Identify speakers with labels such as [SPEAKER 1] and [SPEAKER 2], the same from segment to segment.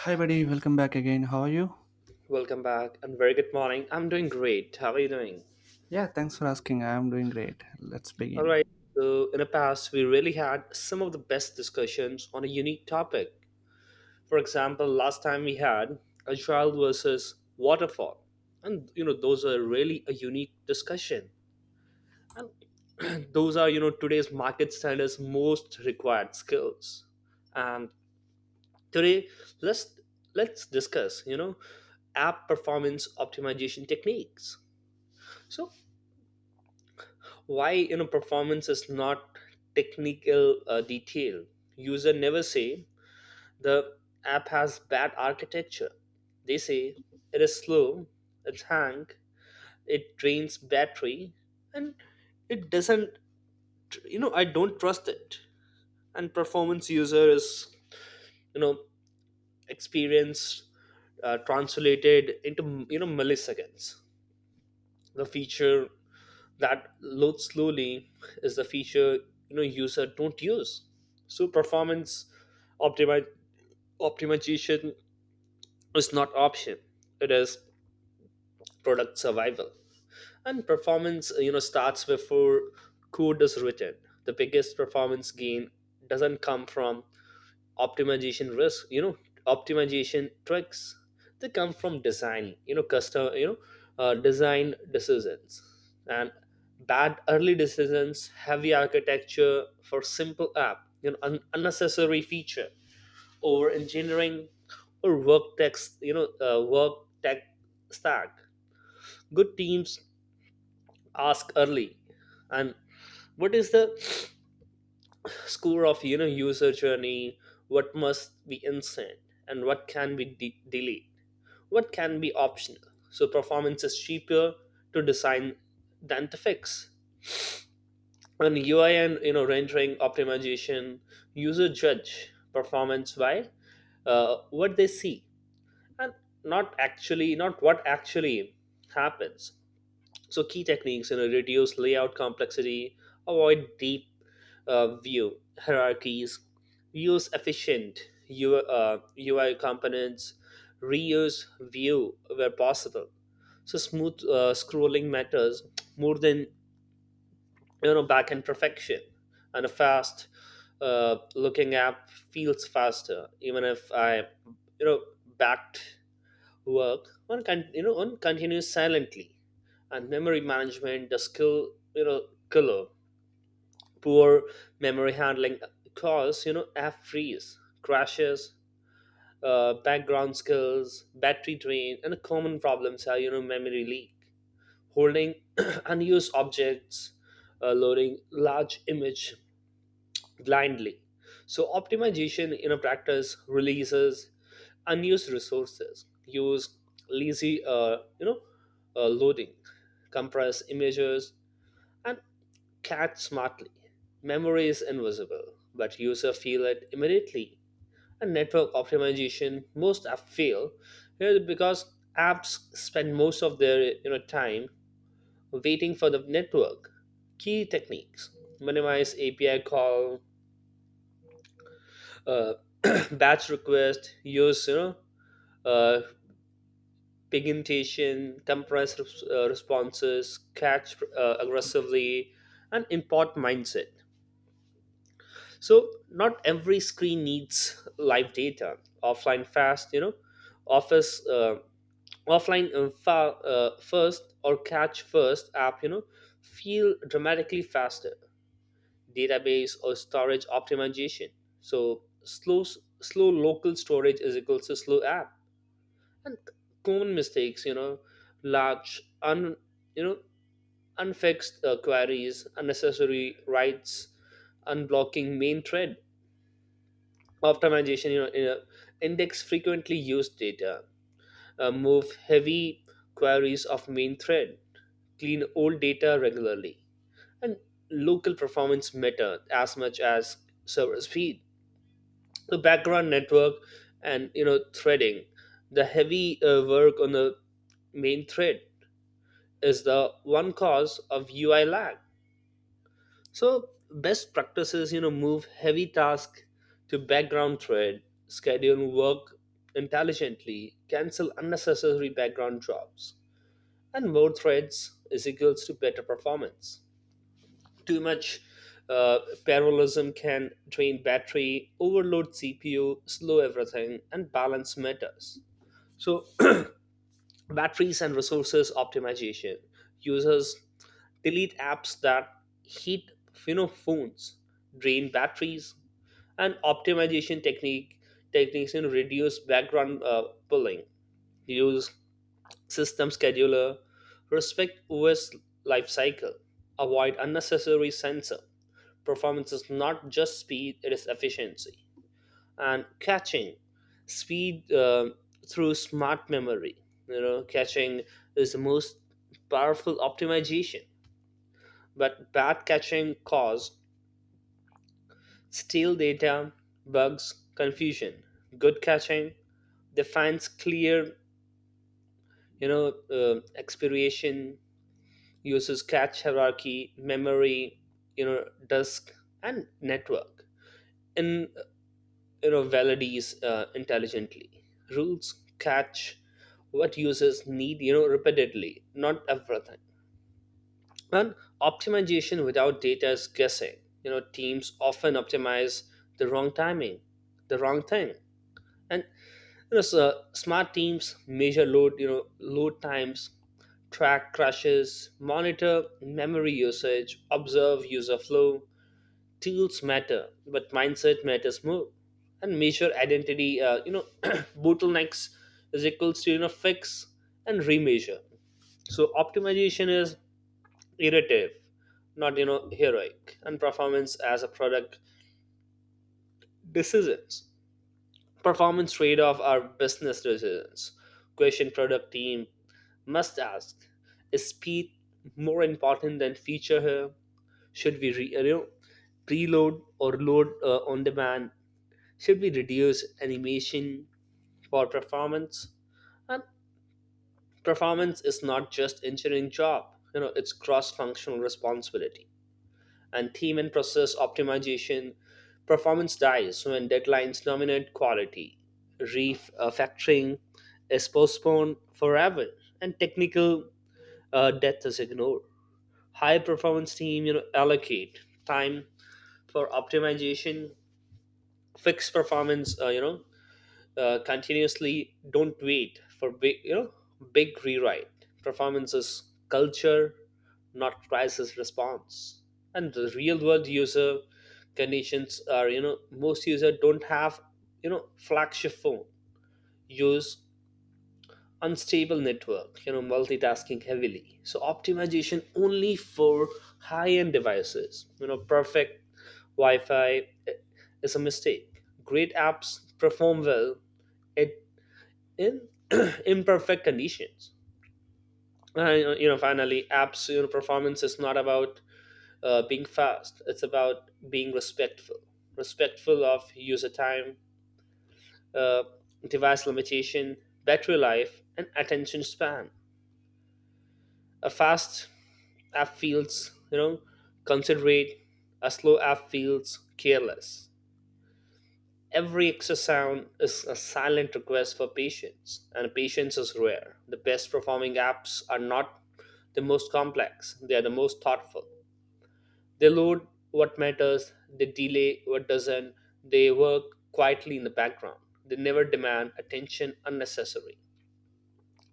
[SPEAKER 1] Hi, buddy. Welcome back again. How are you?
[SPEAKER 2] Welcome back and very good morning. I'm doing great. How are you doing?
[SPEAKER 1] Yeah, thanks for asking. I am doing great. Let's
[SPEAKER 2] All
[SPEAKER 1] begin.
[SPEAKER 2] right. So, in the past, we really had some of the best discussions on a unique topic. For example, last time we had agile versus waterfall. And, you know, those are really a unique discussion. And and those are, today's market standards most required skills. And today, let's let's discuss, app performance optimization techniques. So why performance is not technical detail. User never say the app has bad architecture. They say it is slow, it's hang, it drains battery, and it doesn't, I don't trust it. And performance user is, you know experience, translated into milliseconds. The feature that load slowly is the feature user don't use. So performance optimi- optimization is not option, it is product survival. And performance starts before code is written. The biggest performance gain doesn't come from optimization risk you know optimization tricks. They come from design, you know custom you know design decisions. And bad early decisions, heavy architecture for simple app, unnecessary feature, over engineering, or work tech, work tech stack. Good teams ask early. And what is the score of, user journey? What must be instant, and what can be delayed, what can be optional? So performance is cheaper to design than to fix. And UI and, rendering optimization, user judge performance by what they see, and not what actually happens. So key techniques, you know, reduce layout complexity, avoid deep view hierarchies, use efficient UI components, reuse view where possible. So smooth scrolling matters more than, backend perfection, and a fast looking app feels faster even if I, you know backed work on on continues silently. And memory management, the skill, you know color poor memory handling cause, app freeze, crashes, background skills, battery drain. And common problems are, memory leak, holding unused objects, loading large image blindly. So optimization, practice, releases unused resources, use lazy loading, compress images, and Cat smartly. Memory is invisible, but user feel it immediately. And network optimization, most app fail here because apps spend most of their, time waiting for the network. Key techniques: minimize API call, uh, batch request, use uh, pigmentation, compress responses, catch aggressively, and import mindset. So not every screen needs live data. Offline fast, you know, office offline first or catch first app, you know, feel dramatically faster. Database or storage optimization. So slow local storage is equals to slow app. And common mistakes, you know, large un you know unfixed queries, unnecessary writes, unblocking main thread optimization, index frequently used data, move heavy queries of main thread, clean old data regularly. And local performance matter as much as server speed. The background network and, threading, the heavy work on the main thread is the one cause of UI lag. So best practices, you know, move heavy task to background thread, schedule work intelligently, cancel unnecessary background jobs, and more threads is equals to better performance. Too much uh, parallelism can drain battery, overload CPU, slow everything, and balance matters. So batteries and resources optimization, users delete apps that heat, phones, drain batteries. And optimization techniques and reduce background pulling, use system scheduler, respect OS life cycle, avoid unnecessary sensor. Performance is not just speed, it is efficiency. And catching speed through smart memory, catching is the most powerful optimization. But bad catching cause stale data, bugs, confusion. Good catching defines clear, expiration, uses cache hierarchy memory, disk and network, in, validates intelligently, rules catch what users need, repeatedly, not everything. And optimization without data is guessing. Teams often optimize the wrong timing, the wrong thing. And you know so smart teams measure, load you know load times, track crashes, monitor memory usage, observe user flow. Tools matter, but mindset matters more. And measure, identity bottlenecks is equals to, fix and remeasure. So optimization is iterative, not, heroic. And performance as a product decisions, performance trade-off are business decisions. Question product team must ask: is speed more important than feature here? Should we preload or load on demand? Should we reduce animation for performance? And performance is not just engineering job, you know, it's cross-functional responsibility. And theme and process optimization, performance dies when deadlines dominate quality. Refactoring is postponed forever, and technical death is ignored. High performance team, you know, allocate time for optimization, fix performance, continuously. Don't wait for big you know big rewrite. Performances culture, not crisis response. And the real world user conditions are, most user don't have, flagship phone, use unstable network, multitasking heavily. So optimization only for high end devices, perfect wi-fi, is a mistake. Great apps perform well at in imperfect conditions. And, finally, apps, performance is not about being fast. It's about being respectful, respectful of user time, uh, device limitation, battery life, and attention span. A fast app feels, considerate. A slow app feels careless. Every exosound is a silent request for patience, and patience is rare. The best performing apps are not the most complex, they are the most thoughtful. They load what matters, they delay what doesn't, they work quietly in the background. They never demand attention unnecessary,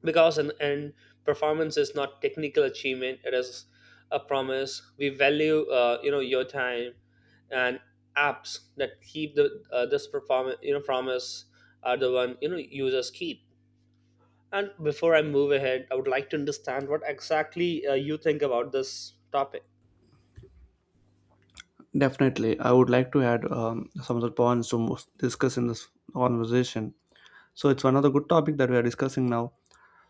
[SPEAKER 2] because in the end performance is not technical achievement, it is a promise: we value your time. And apps that keep the this performance, promise, are the one, users keep. And before I move ahead, I would like to understand what exactly you think about this topic.
[SPEAKER 1] Definitely, I would like to add some of the points to discuss in this conversation. So it's another good topic that we are discussing now.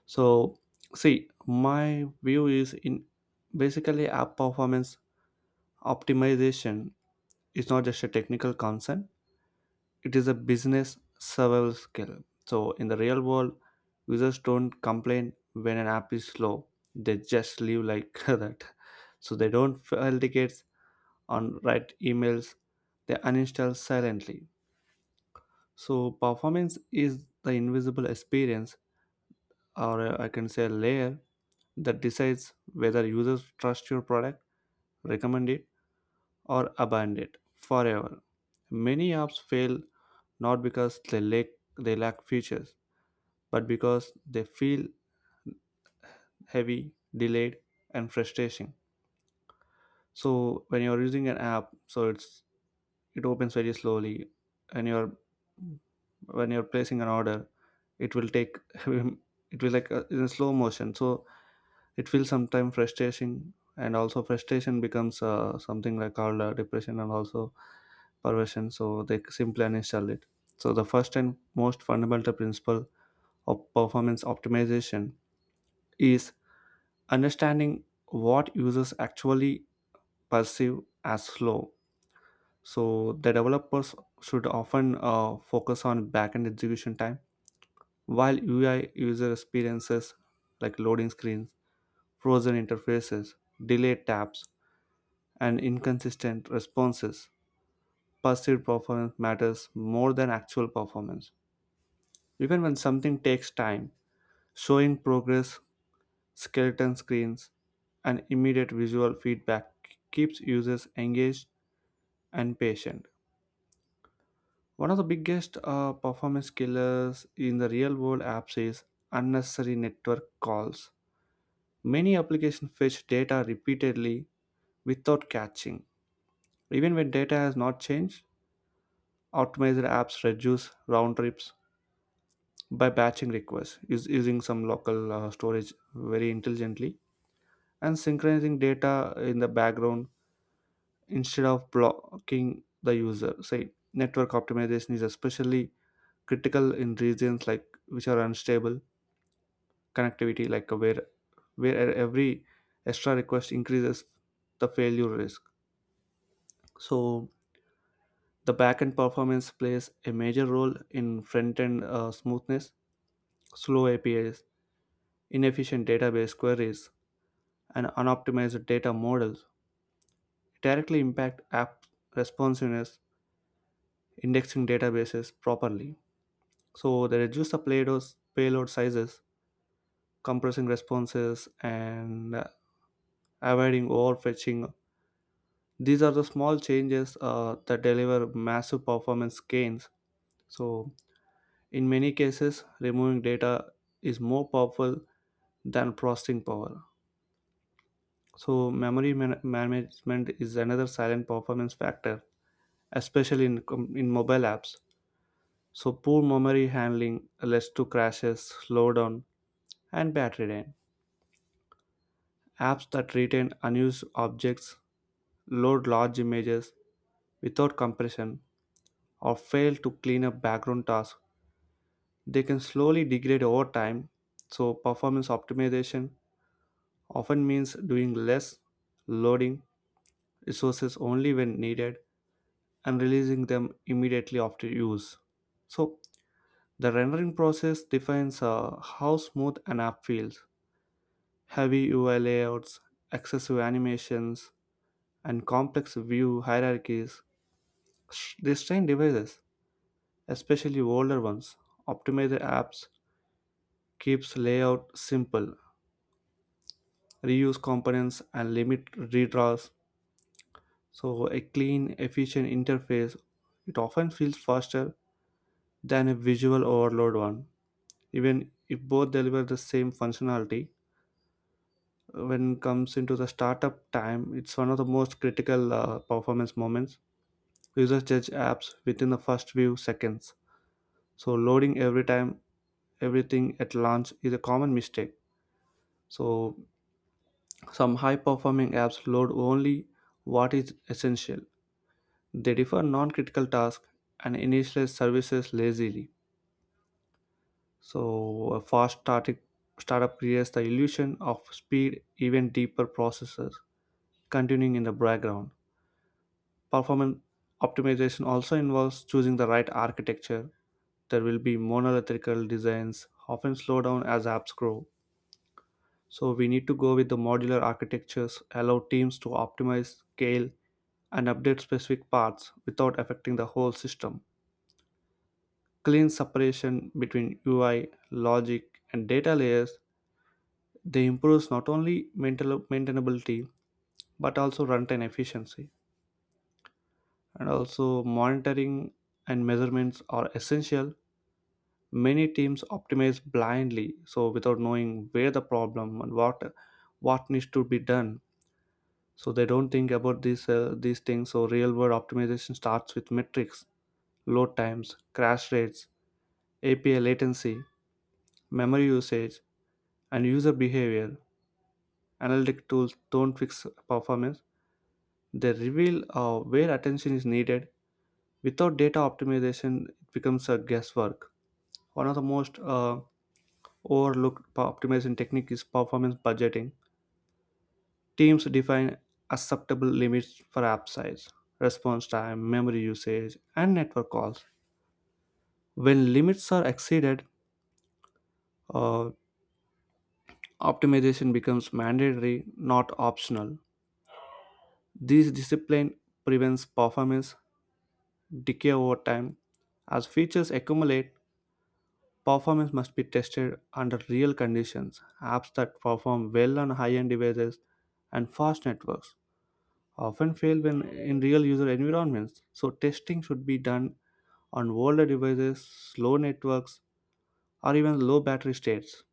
[SPEAKER 1] So, see, my view is in basically app performance optimization is not just a technical concern; it is a business survival skill. So in the real world, users don't complain when an app is slow, they just leave like that. So they don't file tickets on write emails, they uninstall silently. So performance is the invisible experience or, I can say, layer that decides whether users trust your product, recommend it, or abandon it forever. Many apps fail not because they lack features, but because they feel heavy, delayed, and frustrating. So when you're using an app, so it's it opens very slowly, and you're when you're placing an order, it will take it will like in a slow motion. So it feels sometimes frustrating, and also frustration becomes something like called depression and also perversion. So they simply uninstall it. So the first and most fundamental principle of performance optimization is understanding what users actually perceive as slow. So the developers should often focus on backend execution time, while UI user experiences like loading screens, frozen interfaces, delayed tabs, and inconsistent responses, perceived performance matters more than actual performance. Even when something takes time, showing progress, skeleton screens, and immediate visual feedback keeps users engaged and patient. One of the biggest performance killers in the real world apps is unnecessary network calls. Many applications fetch data repeatedly without catching. Even when data has not changed, optimized apps reduce round trips by batching requests, using some local storage very intelligently, and synchronizing data in the background instead of blocking the user say. Network optimization is especially critical in regions like which are unstable connectivity, like where every extra request increases the failure risk. So the backend performance plays a major role in front-end smoothness. Slow APIs, inefficient database queries, and unoptimized data models directly impact app responsiveness, indexing databases properly. So they reduce the payloads, payload sizes, compressing responses, and avoiding overfetching. These are the small changes that deliver massive performance gains. So in many cases, removing data is more powerful than processing power. So memory management is another silent performance factor, especially in, in mobile apps. So poor memory handling leads to crashes, slowdown, and battery drain. Apps that retain unused objects, load large images without compression, or fail to clean up background tasks, they can slowly degrade over time. So performance optimization often means doing less, loading resources only when needed, and releasing them immediately after use. So, the rendering process defines how smooth an app feels. Heavy UI layouts, excessive animations, and complex view hierarchies, they strain devices, especially older ones. Optimize the apps keeps layout simple, reuse components, and limit redraws. So a clean, efficient interface, it often feels faster than a visual overload one, even if both deliver the same functionality. When it comes into the startup time, it's one of the most critical performance moments. Users judge apps within the first few seconds, so loading everything at launch is a common mistake. So some high performing apps load only what is essential, they defer non-critical tasks and initialize services lazily. So a fast starting startup creates the illusion of speed, even deeper processes continuing in the background. Performance optimization also involves choosing the right architecture. There will be monolithic designs often slow down as apps grow. So we need to go with the modular architectures, allow teams to optimize, scale, and update specific parts without affecting the whole system. Clean separation between UI, logic, and data layers, they improves not only maintainability but also runtime efficiency. And also monitoring and measurements are essential. Many teams optimize blindly, so without knowing where the problem and what needs to be done. So they don't think about these things. So real world optimization starts with metrics: load times, crash rates, API latency, memory usage, and user behavior. Analytic tools don't fix performance, they reveal where attention is needed. Without data, optimization it becomes a guesswork. One of the most overlooked optimization technique is performance budgeting. Teams define acceptable limits for app size, response time, memory usage, and network calls. When limits are exceeded, uh, optimization becomes mandatory, not optional. This discipline prevents performance decay over time. As features accumulate, performance must be tested under real conditions. Apps that perform well on high end devices and fast networks often fail when in real user environments. So testing should be done on older devices, slow networks, or even low battery states.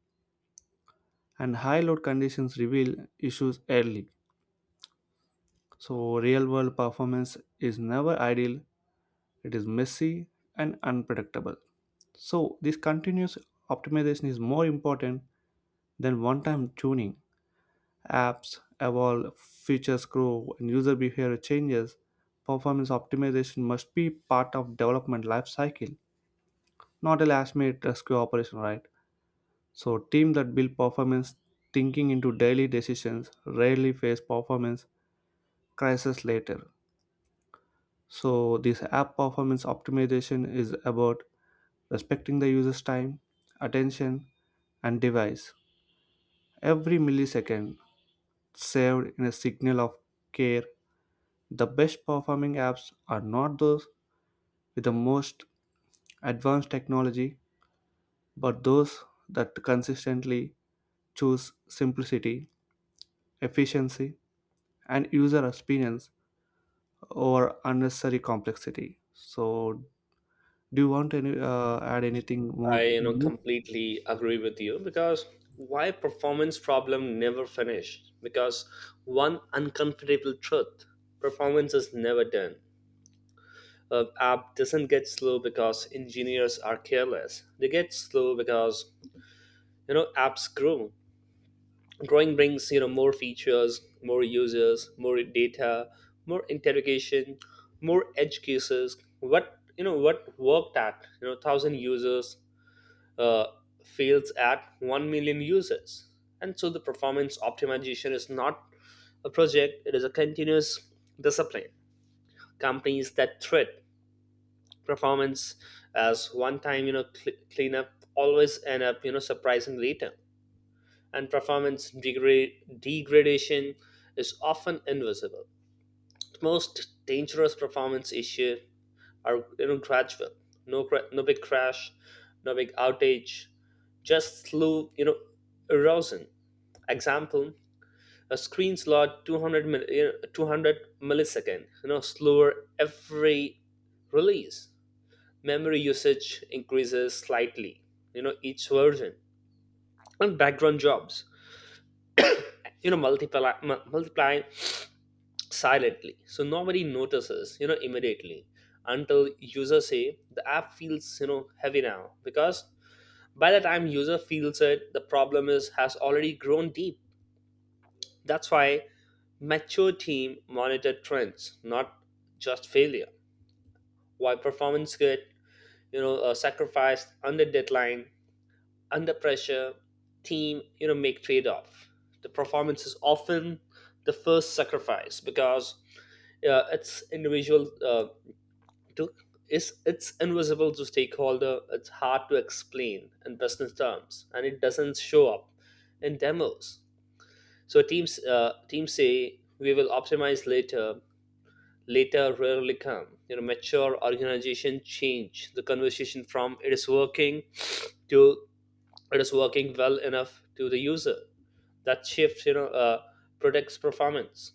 [SPEAKER 1] And high load conditions reveal issues early. So real world performance is never ideal. It is messy and unpredictable. So this continuous optimization is more important than one time tuning. Apps evolve, features grow, and user behavior changes. Performance optimization must be part of development life cycle, not a last-minute rescue operation, right? So, team that build performance thinking into daily decisions rarely face performance crisis later. So, this app performance optimization is about respecting the user's time, attention, and device. Every millisecond saved in a signal of care. The best performing apps are not those with the most advanced technology, but those that consistently choose simplicity, efficiency, and user experience over unnecessary complexity. So, do you want any add anything
[SPEAKER 2] I,
[SPEAKER 1] more on this?
[SPEAKER 2] completely agree with you, because why performance problem never finish? Because one uncomfortable truth: performance is never done. An app doesn't get slow because engineers are careless. They get slow because, apps grow. Growing brings, more features, more users, more data, more interrogation, more edge cases. What worked at, 1,000 users, uh, fails at 1 million users. And so the performance optimization is not a project, it is a continuous discipline. Companies that threat performance as one time, cleanup always end up, surprising later. And degradation is often invisible. Most dangerous performance issues are, gradual, no big crash, no big outage, just slow, erosion. Example: a screen slot 200 millisecond, slower every release, memory usage increases slightly, each version, and background jobs, multiply silently, so nobody notices, immediately, until users say the app feels, heavy now. Because by the time user feels it, the problem is has already grown deep. That's why mature team monitor trends, not just failure. Why performance get, sacrificed under deadline, under pressure, team, make trade-off. The performance is often the first sacrifice because, it's individual to is it's invisible to stakeholder. It's hard to explain in business terms, and it doesn't show up in demos. So teams say we will optimize later. Later rarely come. You know, mature organization change the conversation from "it is working" to "it is working well enough to the user." That shift, protects performance.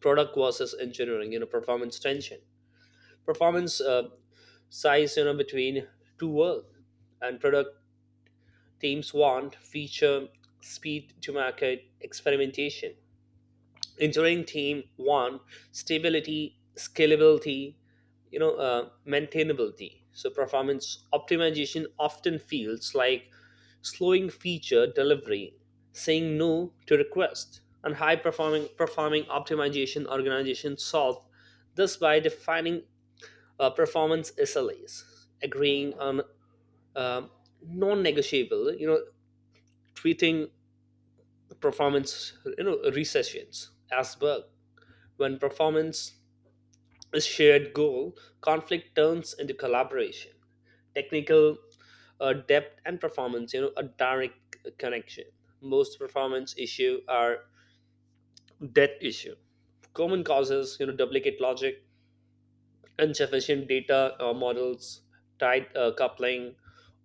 [SPEAKER 2] Product versus engineering, performance tension, performance size, between two worlds. And product teams want feature, speed to market, experimentation. Engineering team want stability, scalability, maintainability. So performance optimization often feels like slowing feature delivery, saying no to requests. And high performing optimization organizations solve this by defining performance SLAs, agreeing on um non-negotiable, treating performance, recessions as bug. When performance a shared goal, conflict turns into collaboration. Technical depth, and performance, a direct connection. Most performance issue are debt issue. Common causes, you know, duplicate logic, insufficient data models, tight coupling,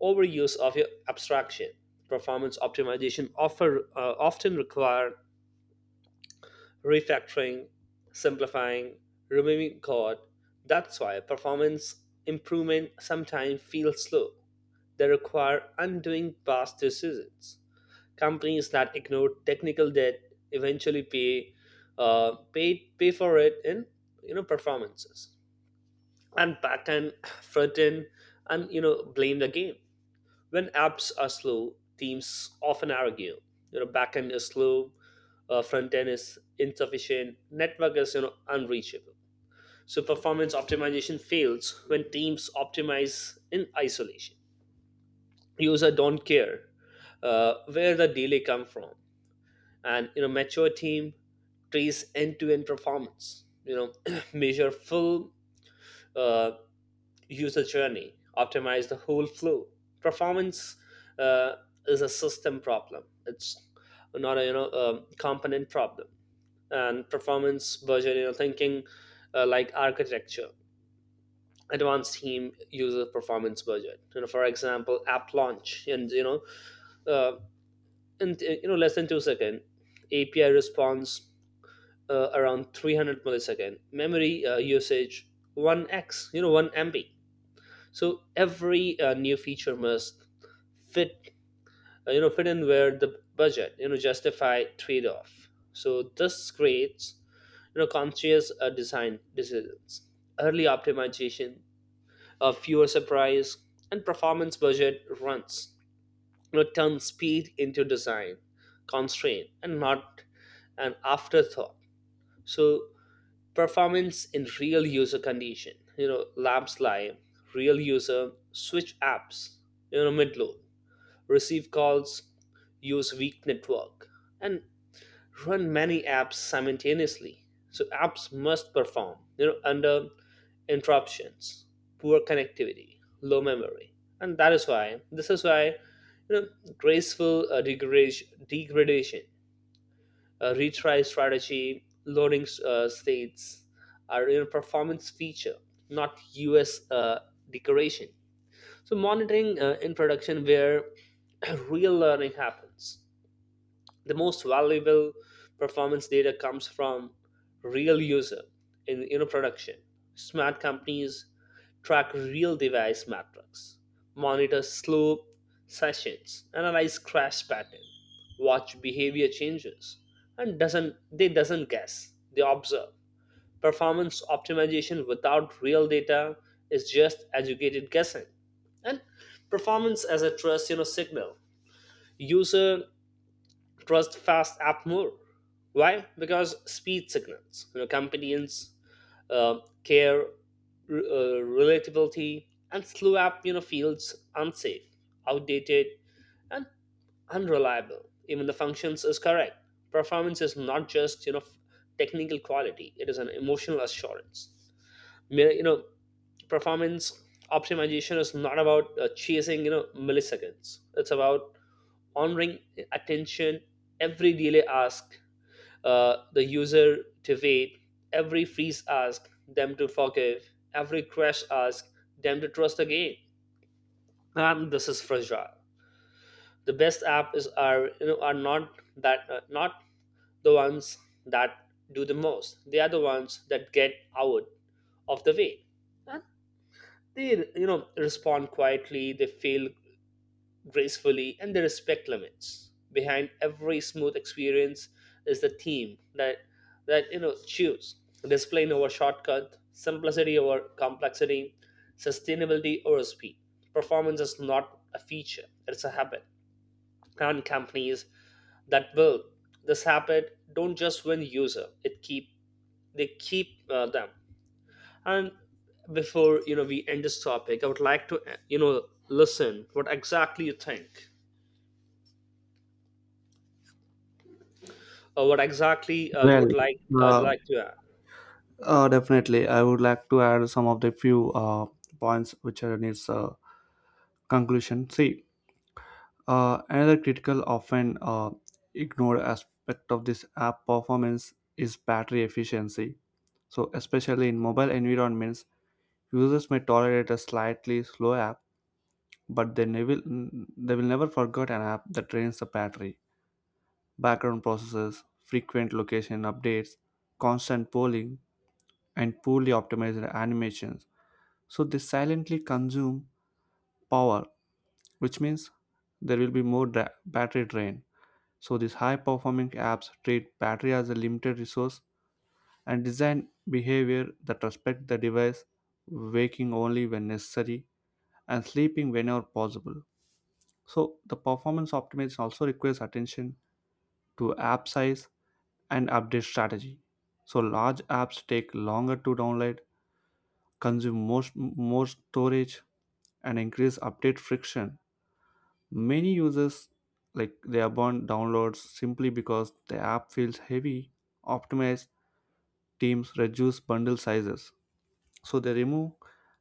[SPEAKER 2] overuse of your abstraction. Performance optimization offer often require refactoring, simplifying, removing code. That's why performance improvement sometimes feels slow. They require undoing past decisions. Companies that ignore technical debt eventually pay for it in, performances. And back end, front end, and, blame the game. When apps are slow, teams often argue. Backend is slow, front end is insufficient, network is unreachable. So performance optimization fails when teams optimize in isolation. Users don't care, where the delay come from, and mature team trace end to end performance. Measure full uh, user journey, optimize the whole flow. Performance uh, is a system problem. It's not a a component problem. And performance budget, thinking like architecture, advanced team user performance budget. For example, app launch, and uh, in less than 2 second API response, around 300 millisecond memory usage 1x, 1 MB. So every new feature must fit, fit in where the budget justify trade-off. So this creates conscious design decisions, early optimization, fewer surprise. And performance budget runs, turn speed into design constraint and not an afterthought. So performance in real user condition, labs live, real user switch apps, mid load, receive calls, use weak network, and run many apps simultaneously. So apps must perform under interruptions, poor connectivity, low memory. And that is why, graceful degradation, retry strategy, loading states are a performance feature, not US decoration. So monitoring in production where real learning happens. The most valuable performance data comes from real user in, production. Smart companies track real device metrics, monitor slow sessions, analyze crash pattern, watch behavior changes, and doesn't guess, they observe. Performance optimization without real data is just educated guessing. And performance as a trust, signal. User trust fast app more. Why? Because speed signals, companies uh, care, relatability. And slow app feels unsafe, outdated, and unreliable, even the functions is correct. Performance is not just, technical quality; it is an emotional assurance. Mi- you know Performance optimization is not about chasing milliseconds. It's about honoring attention. Every delay ask, the user to wait, every freeze asks them to forgive, every crash asks them to trust again. And this is fragile. The best app is are are not the ones that do the most. They are the ones that get out of the way, and they, respond quietly. They fail gracefully and they respect limits. Behind every smooth experience is the theme that, choose discipline over shortcut, simplicity over complexity, sustainability over speed. Performance is not a feature; it's a habit. And companies that build this habit don't just win user; it keep they keep, them. And before, we end this topic, I would like to, listen what exactly you think. What exactly, you would
[SPEAKER 1] Well,
[SPEAKER 2] like,
[SPEAKER 1] uh,
[SPEAKER 2] like to add?
[SPEAKER 1] definitely, I would like to add some of the few points which are in its conclusion. See, another critical, often ignored aspect of this app performance is battery efficiency. So, especially in mobile environments, users may tolerate a slightly slow app, but they will never forget an app that drains the battery. Background processes, frequent location updates, constant polling, and poorly optimized animations, so they silently consume power, which means there will be more battery drain. So these high performing apps treat battery as a limited resource and design behavior that respect the device, waking only when necessary and sleeping whenever possible. So the performance optimization also requires attention to app size and update strategy. So large apps take longer to download, consume most more storage, and increase update friction. Many users like they abandon downloads simply because the app feels heavy. Optimized teams reduce bundle sizes, so they remove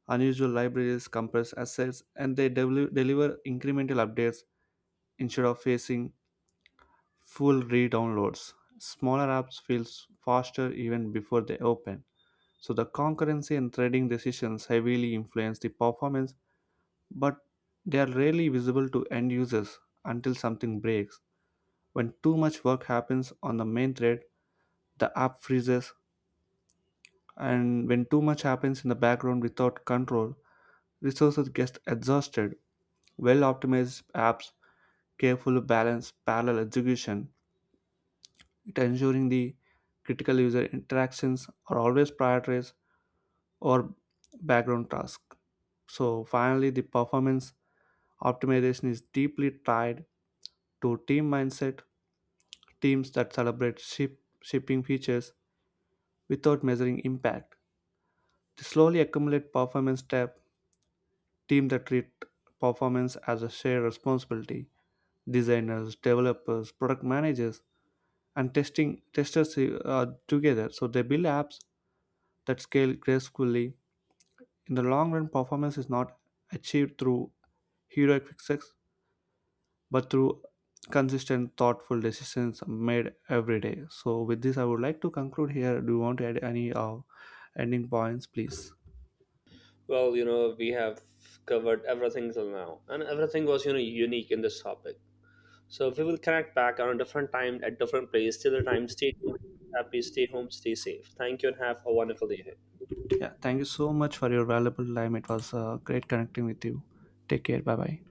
[SPEAKER 1] unusual libraries, compress assets, and they deliver incremental updates instead of facing full re-downloads. Smaller apps feels faster even before they open. So the concurrency and threading decisions heavily influence the performance, but they are rarely visible to end users until something breaks. When too much work happens on the main thread, the app freezes, and when too much happens in the background without control, resources get exhausted. Well optimized apps carefully balance parallel execution, it ensuring the critical user interactions are always prioritized or background tasks. So finally, the performance optimization is deeply tied to team mindset. Teams that celebrate shipping features without measuring impact, they slowly accumulate performance tab. Team that treat performance as a shared responsibility: designers, developers, product managers, and testing testers are together, so they build apps that scale gracefully. In the long run, performance is not achieved through heroic fixes, but through consistent, thoughtful decisions made every day. So with this, I would like to conclude here. Do you want to add any ending points, please?
[SPEAKER 2] Well, we have covered everything till now, and everything was, unique in this topic. So we will connect back on a different time at different place. Till the time, stay tuned, happy, stay home, stay safe. Thank you, and have a wonderful day ahead.
[SPEAKER 1] Yeah, thank you so much for your valuable time. It was great connecting with you. Take care. Bye bye.